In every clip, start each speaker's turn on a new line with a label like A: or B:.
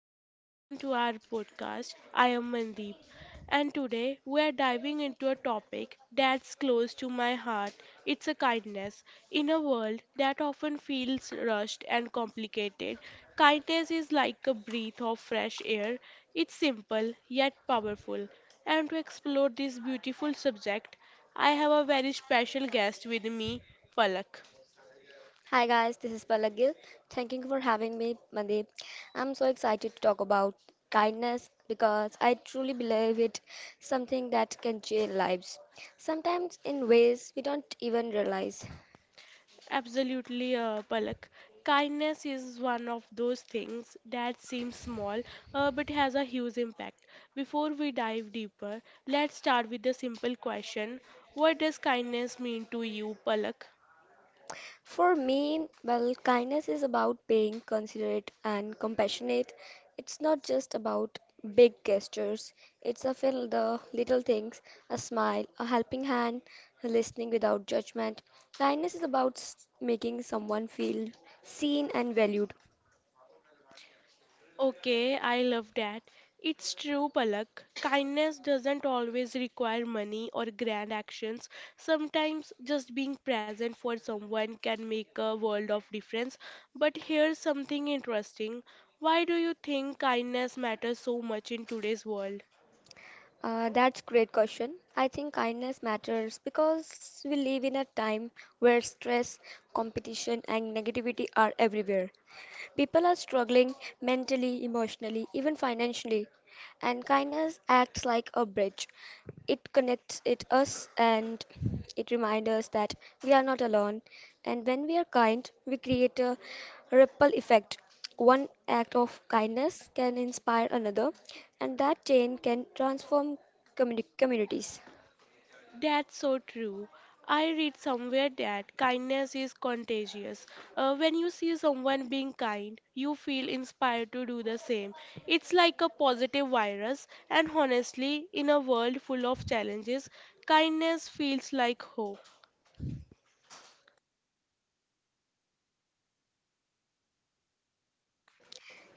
A: and welcome to our podcast. I am Mandeep, and today we are diving into a topic that's close to my heart. It's a kindness. In a world that often feels rushed and complicated, kindness is like a breath of fresh air. It's simple yet powerful. And to explore this beautiful subject, I have a very special guest with me, Palak.
B: Hi guys, this is Palak Gill. Thank you for having me, Mandeep. I'm so excited to talk about kindness because I truly believe it something that can change lives. Sometimes in ways we don't even realize.
A: Absolutely, Palak. Kindness is one of those things that seems small but has a huge impact. Before we dive deeper, let's start with the simple question: what does kindness mean to you, Palak?
B: For me, kindness is about being considerate and compassionate. It's not just about big gestures. It's a feel the little things, a smile, a helping hand, listening without judgment. Kindness is about making someone feel seen and valued.
A: Okay, I love that. It's true, Palak. Kindness doesn't always require money or grand actions. Sometimes just being present for someone can make a world of difference. But here's something interesting. Why do you think kindness matters so much in today's world?
B: That's great question. I think kindness matters because we live in a time where stress, competition, and negativity are everywhere. People are struggling mentally, emotionally, even financially, and kindness acts like a bridge. It connects it us and it reminds us that we are not alone. And when we are kind, we create a ripple effect. One act of kindness can inspire another, and that chain can transform communities.
A: That's so true. I read somewhere that kindness is contagious. When you see someone being kind, you feel inspired to do the same. It's like a positive virus, and honestly, in a world full of challenges, kindness feels like hope.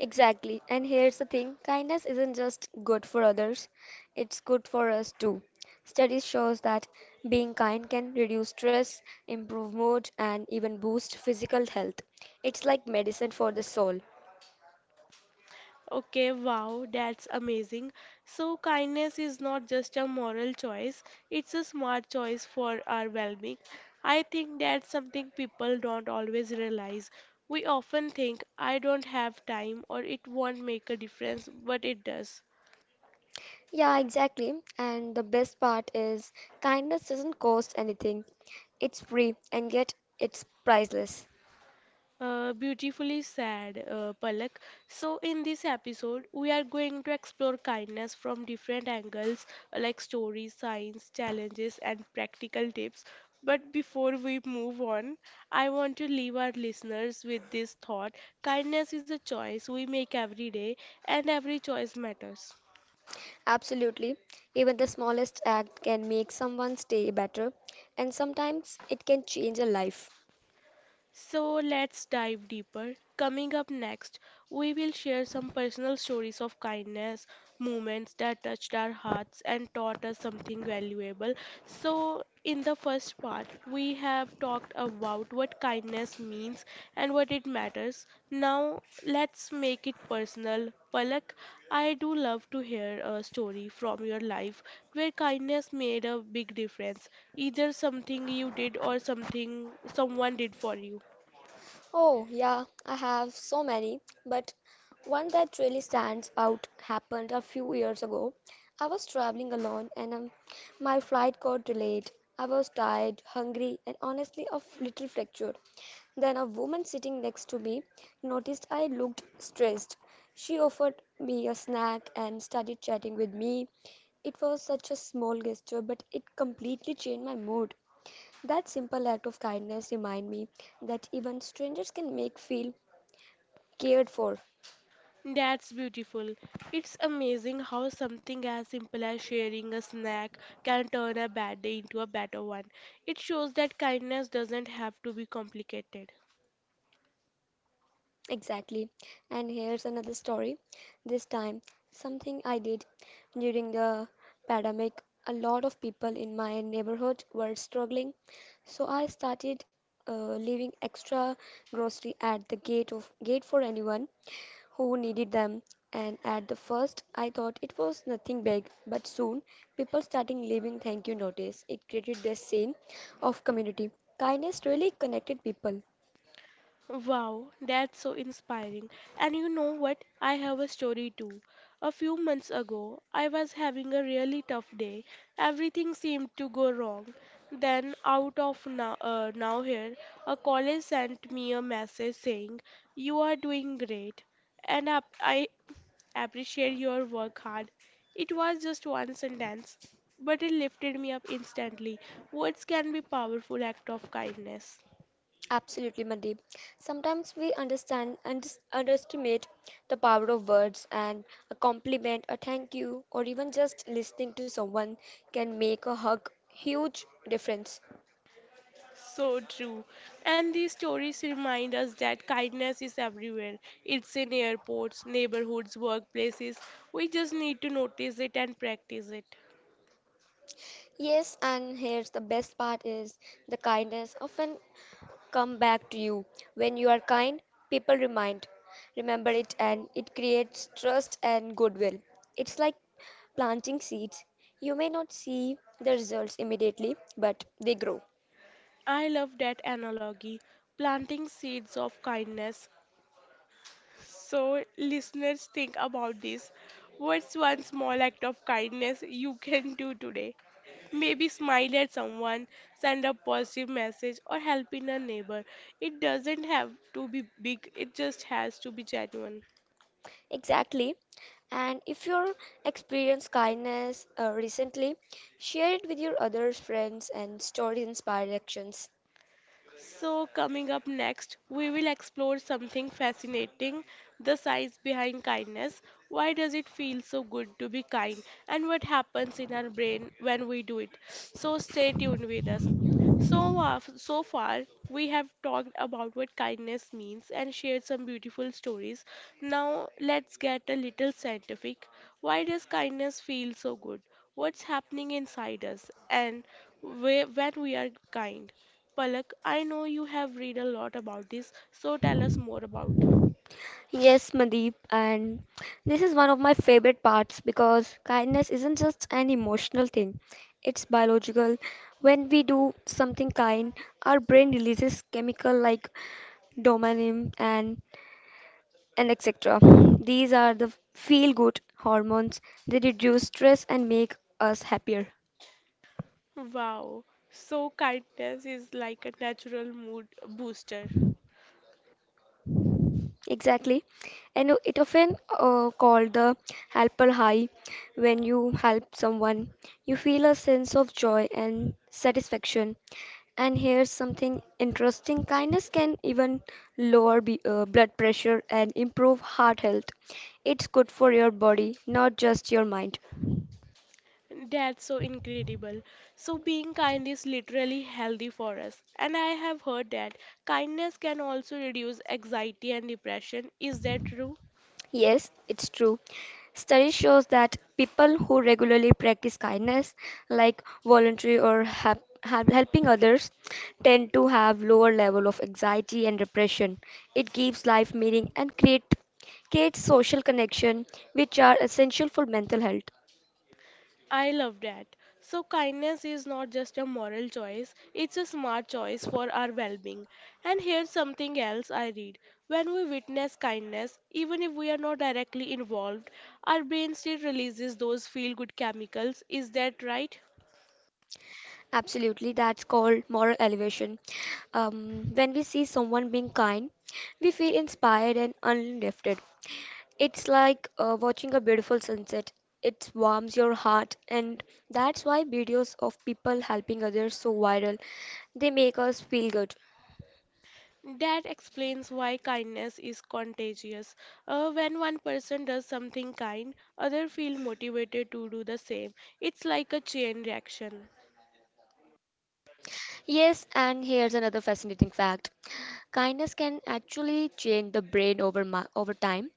B: Exactly. And here's the thing, kindness isn't just good for others, it's good for us too. Studies shows that being kind can reduce stress, improve mood, and even boost physical health. It's like medicine for the soul.
A: Okay, wow, that's amazing. So, kindness is not just a moral choice, it's a smart choice for our well being. I think that's something people don't always realize. We often think, I don't have time or it won't make a difference, but it does.
B: Yeah, exactly. And the best part is kindness doesn't cost anything. It's free and yet it's priceless.
A: Beautifully said, Palak. So, in this episode, we are going to explore kindness from different angles like stories, science, challenges, and practical tips. But before we move on, I want to leave our listeners with this thought: kindness is a choice we make every day, and every choice matters.
B: Absolutely. Even the smallest act can make someone's day better, and sometimes it can change a life.
A: So let's dive deeper. Coming up next, we will share some personal stories of kindness, moments that touched our hearts and taught us something valuable. So, in the first part, we have talked about what kindness means and what it matters. Now, let's make it personal. Palak, I do love to hear a story from your life where kindness made a big difference, either something you did or something someone did for you.
B: Oh, yeah, I have so many, but one that really stands out happened a few years ago. I was traveling alone and my flight got delayed. I was tired, hungry, and honestly a little fractured. Then a woman sitting next to me noticed I looked stressed. She offered me a snack and started chatting with me. It was such a small gesture, but it completely changed my mood. That simple act of kindness remind me that even strangers can make feel cared for.
A: That's beautiful. It's amazing how something as simple as sharing a snack can turn a bad day into a better one. It shows that kindness doesn't have to be complicated.
B: Exactly. And here's another story. This time, something I did during the pandemic. A lot of people in my neighborhood were struggling, so I started leaving extra grocery at the gate of gate for anyone who needed them. And at the first, I thought it was nothing big, but soon people started leaving thank you notice. It created this scene of community. Kindness really connected people.
A: Wow, that's so inspiring. And you know what? I have a story too. A few months ago, I was having a really tough day. Everything seemed to go wrong. Then, out of now here, a college sent me a message saying, "You are doing great, and I appreciate your work hard." It was just one sentence, but it lifted me up instantly. Words can be powerful act of kindness.
B: Absolutely, Mandeep. Sometimes we understand and underestimate the power of words, and a compliment, a thank you, or even just listening to someone can make a huge difference.
A: So true. And these stories remind us that kindness is everywhere. It's in airports, neighborhoods, workplaces. We just need to notice it and practice it.
B: Yes, and here's the best part is the kindness often come back to you. When you are kind, people remember it, and it creates trust and goodwill. It's like planting seeds. You may not see the results immediately, but they grow.
A: I love that analogy. Planting seeds of kindness. So, listeners, think about this. What's one small act of kindness you can do today? Maybe smile at someone, send a positive message, or help in a neighbor. It doesn't have to be big, it just has to be genuine.
B: Exactly. And if you're experienced kindness recently, share it with your others, friends, and stories inspire actions.
A: So, coming up next, we will explore something fascinating: the science behind kindness. Why does it feel so good to be kind? And what happens in our brain when we do it? So, stay tuned with us. So, so far, we have talked about what kindness means and shared some beautiful stories. Now, let's get a little scientific. Why does kindness feel so good? What's happening inside us? And when we are kind? Palak, I know you have read a lot about this, so tell us more about.
B: Yes, Mandeep, and this is one of my favorite parts because kindness isn't just an emotional thing, it's biological. When we do something kind, our brain releases chemical like dopamine and etc. These are the feel good hormones. They reduce stress and make us happier.
A: Wow, so kindness is like a natural mood booster.
B: Exactly. And it often called the helper high. When you help someone, you feel a sense of joy and satisfaction. And here's something interesting kindness can even lower b blood pressure and improve heart health. It's good for your body, not just your mind.
A: That's so incredible. So being kind is literally healthy for us. And I have heard that kindness can also reduce anxiety and depression. Is that true?
B: Yes, it's true. Study shows that people who regularly practice kindness, like voluntary or helping others, tend to have lower level of anxiety and depression. It gives life meaning and creates social connection, which are essential for mental health.
A: I love that. So, kindness is not just a moral choice, it's a smart choice for our well being. And here's something else I read. When we witness kindness, even if we are not directly involved, our brain still releases those feel good chemicals. Is that right?
B: Absolutely, that's called moral elevation. When we see someone being kind, we feel inspired and uplifted. It's like watching a beautiful sunset. It warms your heart, and that's why videos of people helping others so viral. They make us feel good.
A: That explains why kindness is contagious. When one person does something kind, others feel motivated to do the same. It's like a chain reaction.
B: Yes, and here's another fascinating fact. Kindness can actually change the brain over time.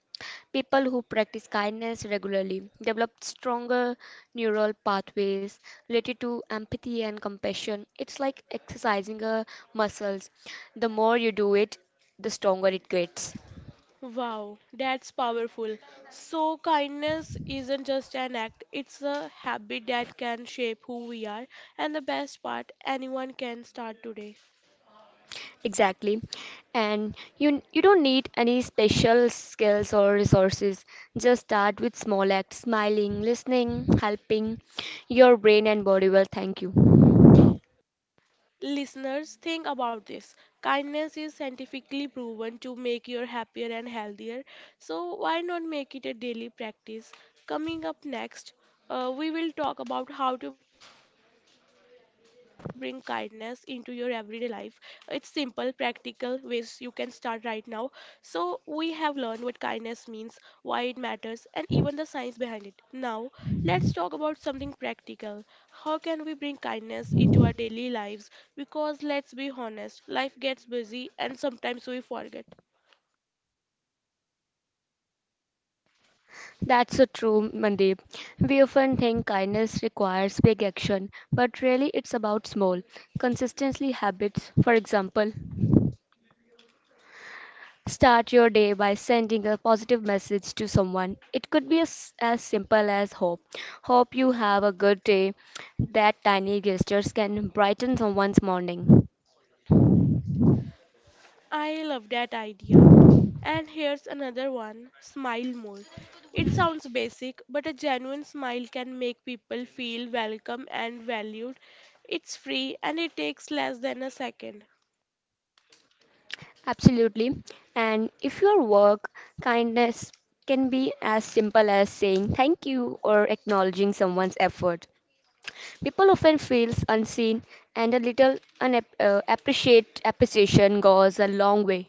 B: People who practice kindness regularly develop stronger neural pathways related to empathy and compassion. It's like exercising a muscles. The more you do it, the stronger it gets.
A: Wow, that's powerful. So, kindness isn't just an act, it's a habit that can shape who we are. And the best part, anyone can start today.
B: Exactly. And you don't need any special skills or resources. Just start with small acts, smiling, listening, helping. Your brain and body will thank you.
A: Listeners, think about this. Kindness is scientifically proven to make you happier and healthier. So, why not make it a daily practice? Coming up next, we will talk about how to bring kindness into your everyday life. It's simple, practical ways you can start right now. So, we have learned what kindness means, why it matters, and even the science behind it. Now, let's talk about something practical. How can we bring kindness into our daily lives? Because let's be honest, life gets busy and sometimes we forget.
B: That's so true, Mandeep. We often think kindness requires big action, but really it's about small, consistently habits. For example, start your day by sending a positive message to someone. It could be as simple as Hope you have a good day. That tiny gestures can brighten someone's morning.
A: I love that idea. And here's another one: smile more. It sounds basic, but a genuine smile can make people feel welcome and valued. It's free and it takes less than a second.
B: Absolutely. And if your work, kindness can be as simple as saying thank you or acknowledging someone's effort. People often feel unseen and a little unap- appreciate appreciation goes a long way.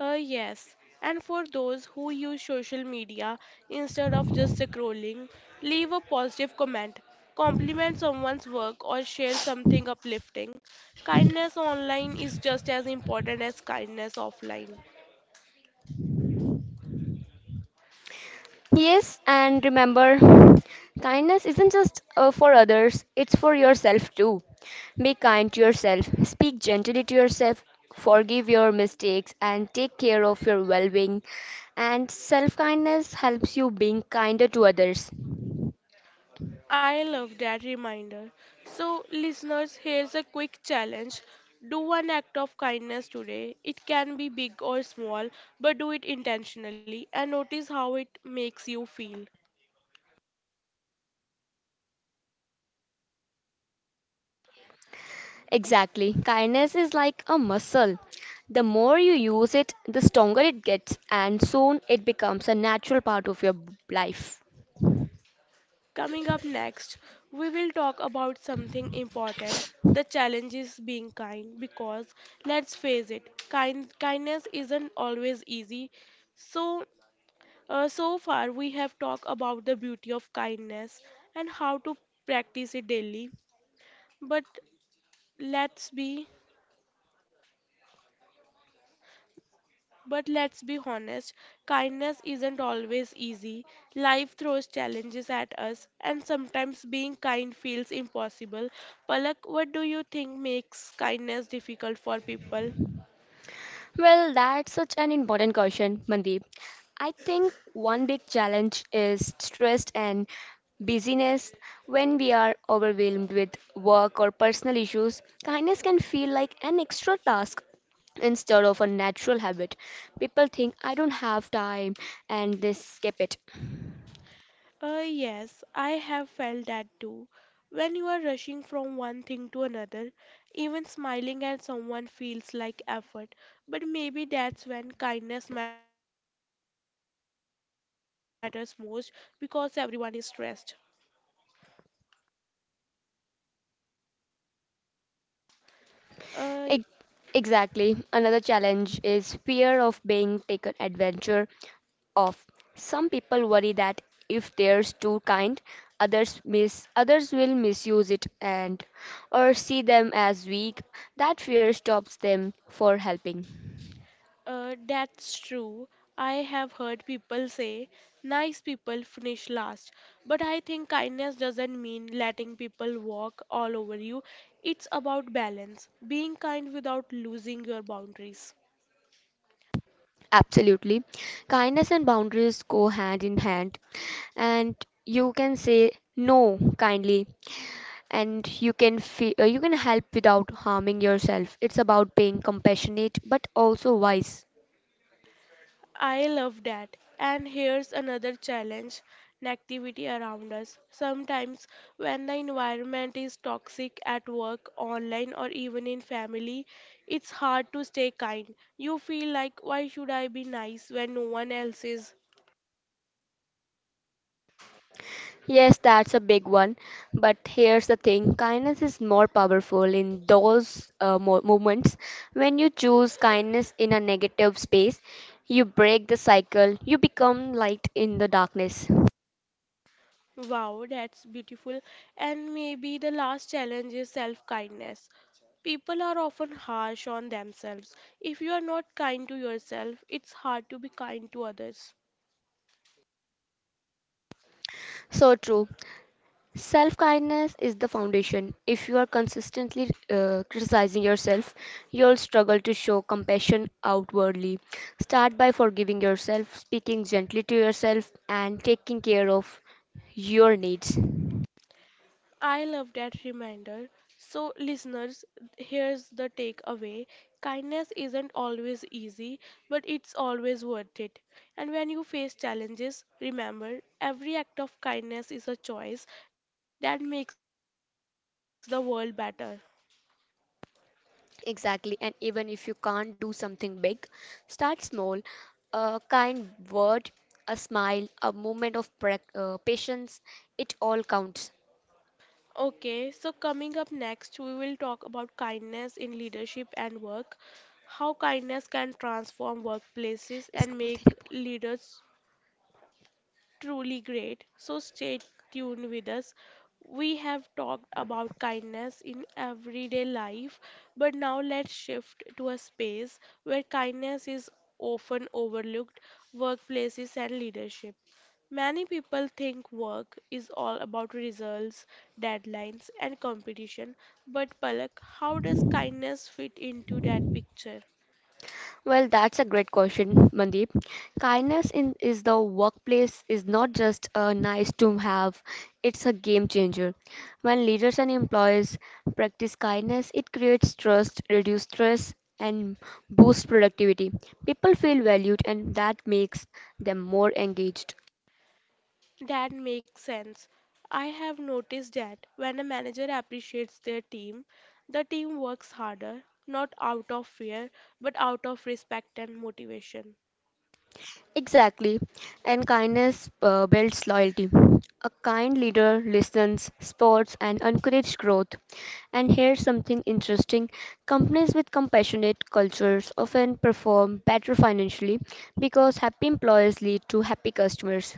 A: Yes, and for those who use social media instead of just scrolling, leave a positive comment, compliment someone's work, or share something uplifting. Kindness online is just as important as kindness offline.
B: Yes, and remember, kindness isn't just for others, it's for yourself too. Be kind to yourself, speak gently to yourself, forgive your mistakes, and take care of your well being. And self kindness helps you being kinder to others.
A: I love that reminder. So, listeners, here's a quick challenge. Do one act of kindness today. It can be big or small, but do it intentionally and notice how it makes you feel.
B: Exactly, kindness is like a muscle. The more you use it, the stronger it gets, and soon it becomes a natural part of your life.
A: Coming up next, we will talk about something important. The challenge is being kind because let's face it, kindness isn't always easy. So, so far we have talked about the beauty of kindness and how to practice it daily. But let's be but let's be honest, kindness isn't always easy. Life throws challenges at us and sometimes being kind feels impossible. Palak, what do you think makes kindness difficult for people?
B: Well, that's such an important question, Mandeep. I think one big challenge is stress and busyness. When we are overwhelmed with work or personal issues, kindness can feel like an extra task instead of a natural habit. People think I don't have time and they skip it.
A: Yes, I have felt that too. When you are rushing from one thing to another, even smiling at someone feels like effort. But maybe that's when kindness matters most because everyone is stressed. Uh,
B: Ex- Exactly. Another challenge is fear of being taken adventure of. Some people worry that if they're too kind, others will misuse it and or see them as weak. That fear stops them for helping.
A: That's true. I have heard people say nice people finish last, but I think kindness doesn't mean letting people walk all over you. It's about balance, being kind without losing your boundaries.
B: Absolutely. Kindness and boundaries go hand in hand. And you can say no kindly and you can you can help without harming yourself. It's about being compassionate but also wise.
A: I love that. And here's another challenge: negativity around us. Sometimes, when the environment is toxic at work, online, or even in family, it's hard to stay kind. You feel like, why should I be nice when no one else is?
B: Yes, that's a big one. But here's the thing kindness is more powerful in those moments. When you choose kindness in a negative space, you break the cycle, you become light in the darkness.
A: Wow, that's beautiful. And maybe the last challenge is self kindness. People are often harsh on themselves. If you are not kind to yourself, it's hard to be kind to others.
B: So true. Self kindness is the foundation. If you are consistently criticizing yourself, you'll struggle to show compassion outwardly. Start by forgiving yourself, speaking gently to yourself, and taking care of your needs.
A: I love that reminder. So, listeners, here's the takeaway: kindness isn't always easy, but it's always worth it. And when you face challenges, remember every act of kindness is a choice that makes the world better.
B: Exactly. And even if you can't do something big, start small. A kind word, a smile, a moment of patience, it all counts.
A: Okay, so coming up next, we will talk about kindness in leadership and work, how kindness can transform workplaces
B: इसको
A: and
B: बोलते हैं.
A: make leaders truly great. So stay tuned with us. We have talked about kindness in everyday life, but now let's shift to a space where kindness is often overlooked: workplaces and leadership. Many people think work is all about results, deadlines, and competition, but Palak, how does kindness fit into that picture?
B: Well, that's a great question, Mandeep. Kindness in is the workplace is not just a nice to have, it's a game changer. When leaders and employees practice kindness, it creates trust, reduces stress, and boosts productivity. People feel valued, and that makes them more engaged.
A: That makes sense. I have noticed that when a manager appreciates their team, the team works harder, not out of fear, but out of respect and motivation.
B: Exactly. And kindness builds loyalty. A kind leader listens, supports, and encourages growth. And here's something interesting companies with compassionate cultures often perform better financially because happy employees lead to happy customers.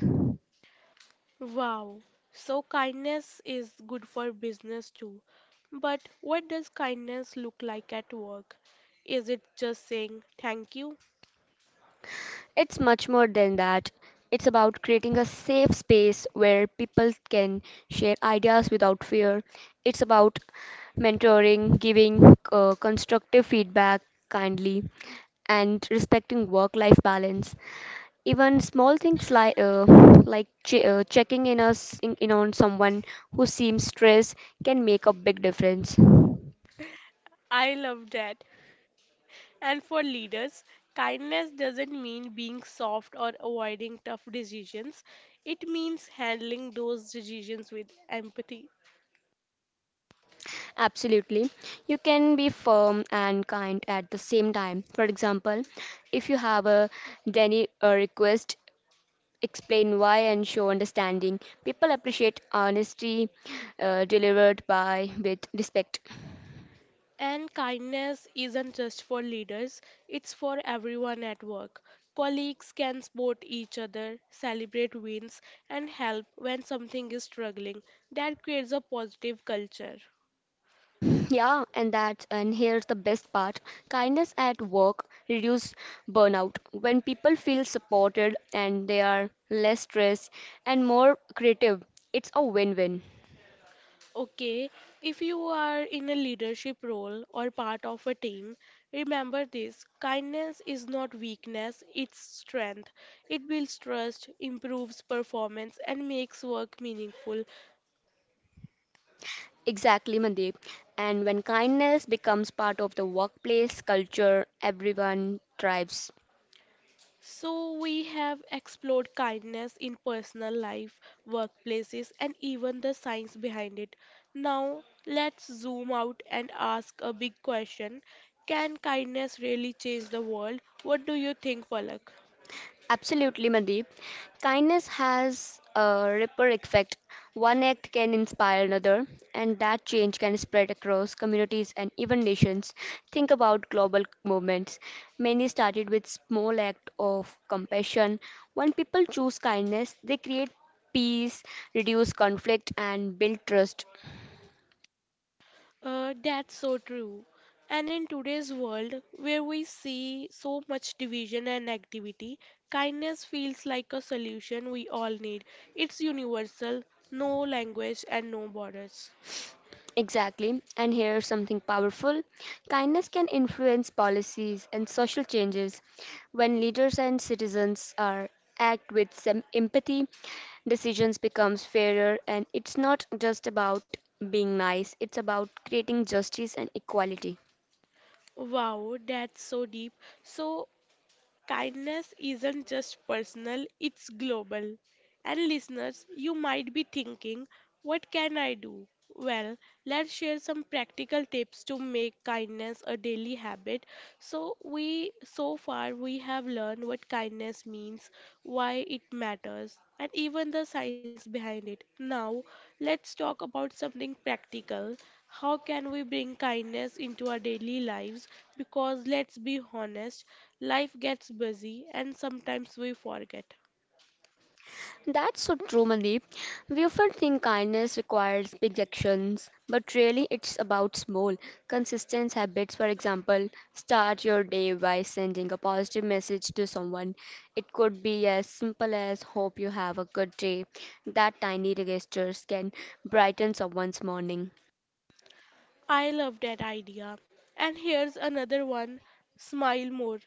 A: Wow. So kindness is good for business too. But what does kindness look like at work? Is it just saying thank you?
B: It's much more than that. It's about creating a safe space where people can share ideas without fear. It's about mentoring, giving constructive feedback kindly, and respecting work life balance. Even small things like checking in, in on someone who seems stressed can make a big difference.
A: I love that. And for leaders, kindness doesn't mean being soft or avoiding tough decisions. It means handling those decisions with empathy.
B: Absolutely. You can be firm and kind at the same time. For example, if you have a daily request, explain why and show understanding. People appreciate honesty delivered by with respect.
A: And kindness isn't just for leaders, it's for everyone at work. Colleagues can support each other, celebrate wins, and help when something is struggling. That creates a positive culture.
B: Yeah, and here's the best part. Kindness at work reduce burnout. When people feel supported and they are less stressed and more creative, it's a win-win.
A: Okay, if you are in a leadership role or part of a team, remember this: kindness is not weakness, it's strength. It builds trust, improves performance, and makes work meaningful.
B: Exactly, Mandeep. And when kindness becomes part of the workplace culture, everyone thrives.
A: So, we have explored kindness in personal life, workplaces, and even the science behind it. Now, let's zoom out and ask a big question: can kindness really change the world? What do you think, Palak?
B: Absolutely, Mandeep. Kindness has a ripple effect. One act can inspire another, and that change can spread across communities and even nations. Think about global movements. Many started with small act of compassion. When people choose kindness, they create peace, reduce conflict, and build trust.
A: That's so true. And in today's world, where we see so much division and activity, kindness feels like a solution we all need. It's universal, no language and no borders.
B: Exactly. And here's something powerful kindness can influence policies and social changes. When leaders and citizens are act with some empathy, decisions becomes fairer and it's not just about being nice, it's about creating justice and equality.
A: Wow, that's so deep. So, kindness isn't just personal, it's global. And listeners, you might be thinking, what can I do? Well, let's share some practical tips to make kindness a daily habit. So far we have learned what kindness means, why it matters, and even the science behind it. Now, let's talk about something practical. How can we bring kindness into our daily lives? Because let's be honest, life gets busy and sometimes we forget.
B: That's so true, Mandeep. We often think kindness requires big actions, but really it's about small, consistent habits. For example, start your day by sending a positive message to someone. It could be as simple as hope you have a good day. That tiny gestures can brighten someone's morning.
A: I love that idea. And here's another one: smile more.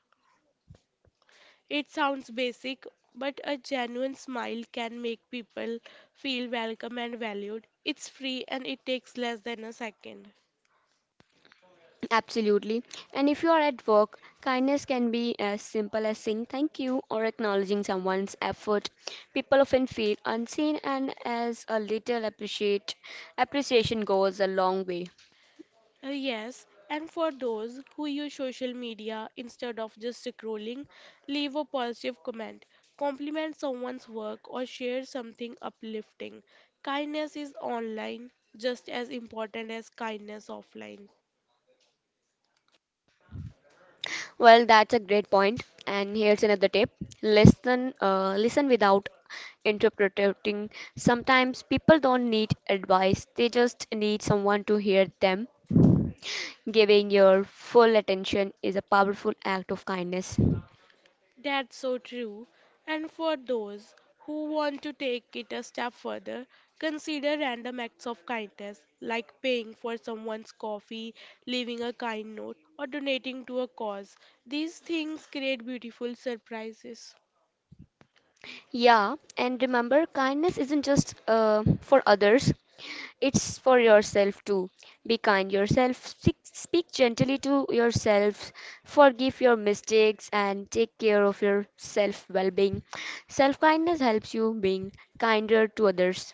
A: It sounds basic, but a genuine smile can make people feel welcome and valued. It's free and it takes less than a second.
B: Absolutely. And if you are at work, kindness can be as simple as saying thank you or acknowledging someone's effort. People often feel unseen and as a little appreciate appreciation goes a long way.
A: Yes, and for those who use social media instead of just scrolling, leave a positive comment, compliment someone's work, or share something uplifting. Kindness is online just as important as kindness offline.
B: Well, that's a great point. And here's another tip. Listen without interpreting. Sometimes people don't need advice. They just need someone to hear them. Giving your full attention is a powerful act of kindness.
A: That's so true. And for those who want to take it a step further, consider random acts of kindness like paying for someone's coffee, leaving a kind note, or donating to a cause. These things create beautiful surprises.
B: Yeah, and remember, kindness isn't just for others, it's for yourself too. Be kind yourself, speak gently to yourself, forgive your mistakes, and take care of your self well being. Self kindness helps you being kinder to others.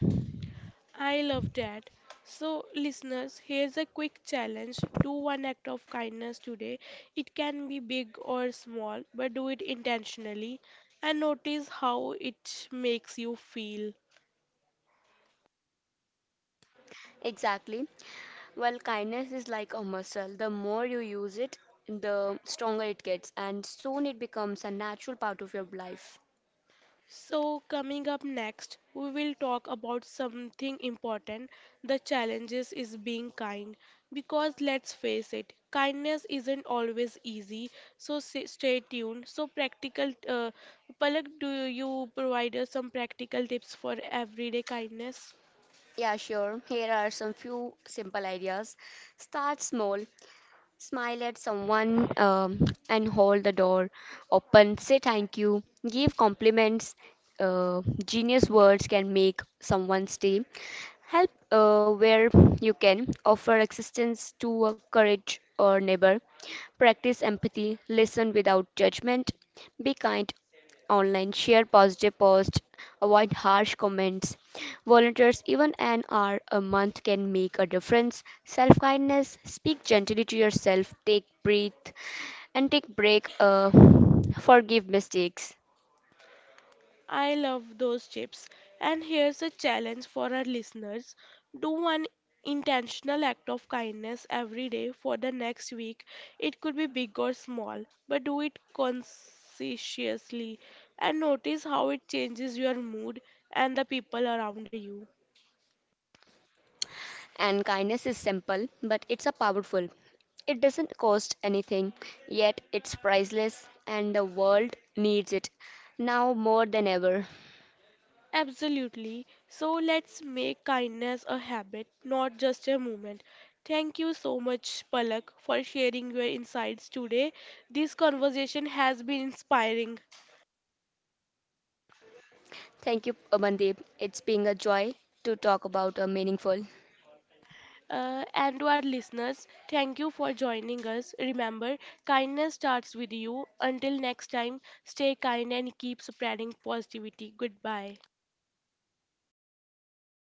A: I love that. So, listeners, here's a quick challenge: do one act of kindness today. It can be big or small, but do it intentionally and notice how it makes you feel.
B: Exactly. Well, kindness is like a muscle. The more you use it, the stronger it gets, and soon it becomes a natural part of your life.
A: So, coming up next, we will talk about something important. The challenges is being kind. Because let's face it, kindness isn't always easy. So, stay tuned. So, practical, Palak, do you provide us some practical tips for everyday kindness?
B: Yeah, sure. Here are some few simple ideas. Start small, smile at someone and hold the door open. Say thank you, give compliments. Genius words can make someone's day. Help where you can. Offer assistance to a courage or neighbor. Practice empathy. Listen without judgment. Be kind online, share positive posts, avoid harsh comments. Volunteers, even an hour a month, can make a difference. Self kindness, speak gently to yourself, take breath, and take break. Forgive mistakes.
A: I love those chips. And here's a challenge for our listeners: do one intentional act of kindness every day for the next week. It could be big or small, but do it conscientiously and notice how it changes your mood and the people around you.
B: And kindness is simple, but it's a powerful. It doesn't cost anything, yet it's priceless, and the world needs it now more than ever.
A: Absolutely. So let's make kindness a habit, not just a moment. Thank you so much, Palak, for sharing your insights today. This conversation has been inspiring.
B: Thank you, Amandeep. It's been a joy to talk about a meaningful.
A: And to our listeners, thank you for joining us. Remember, kindness starts with you. Until next time, stay kind and keep spreading positivity. Goodbye.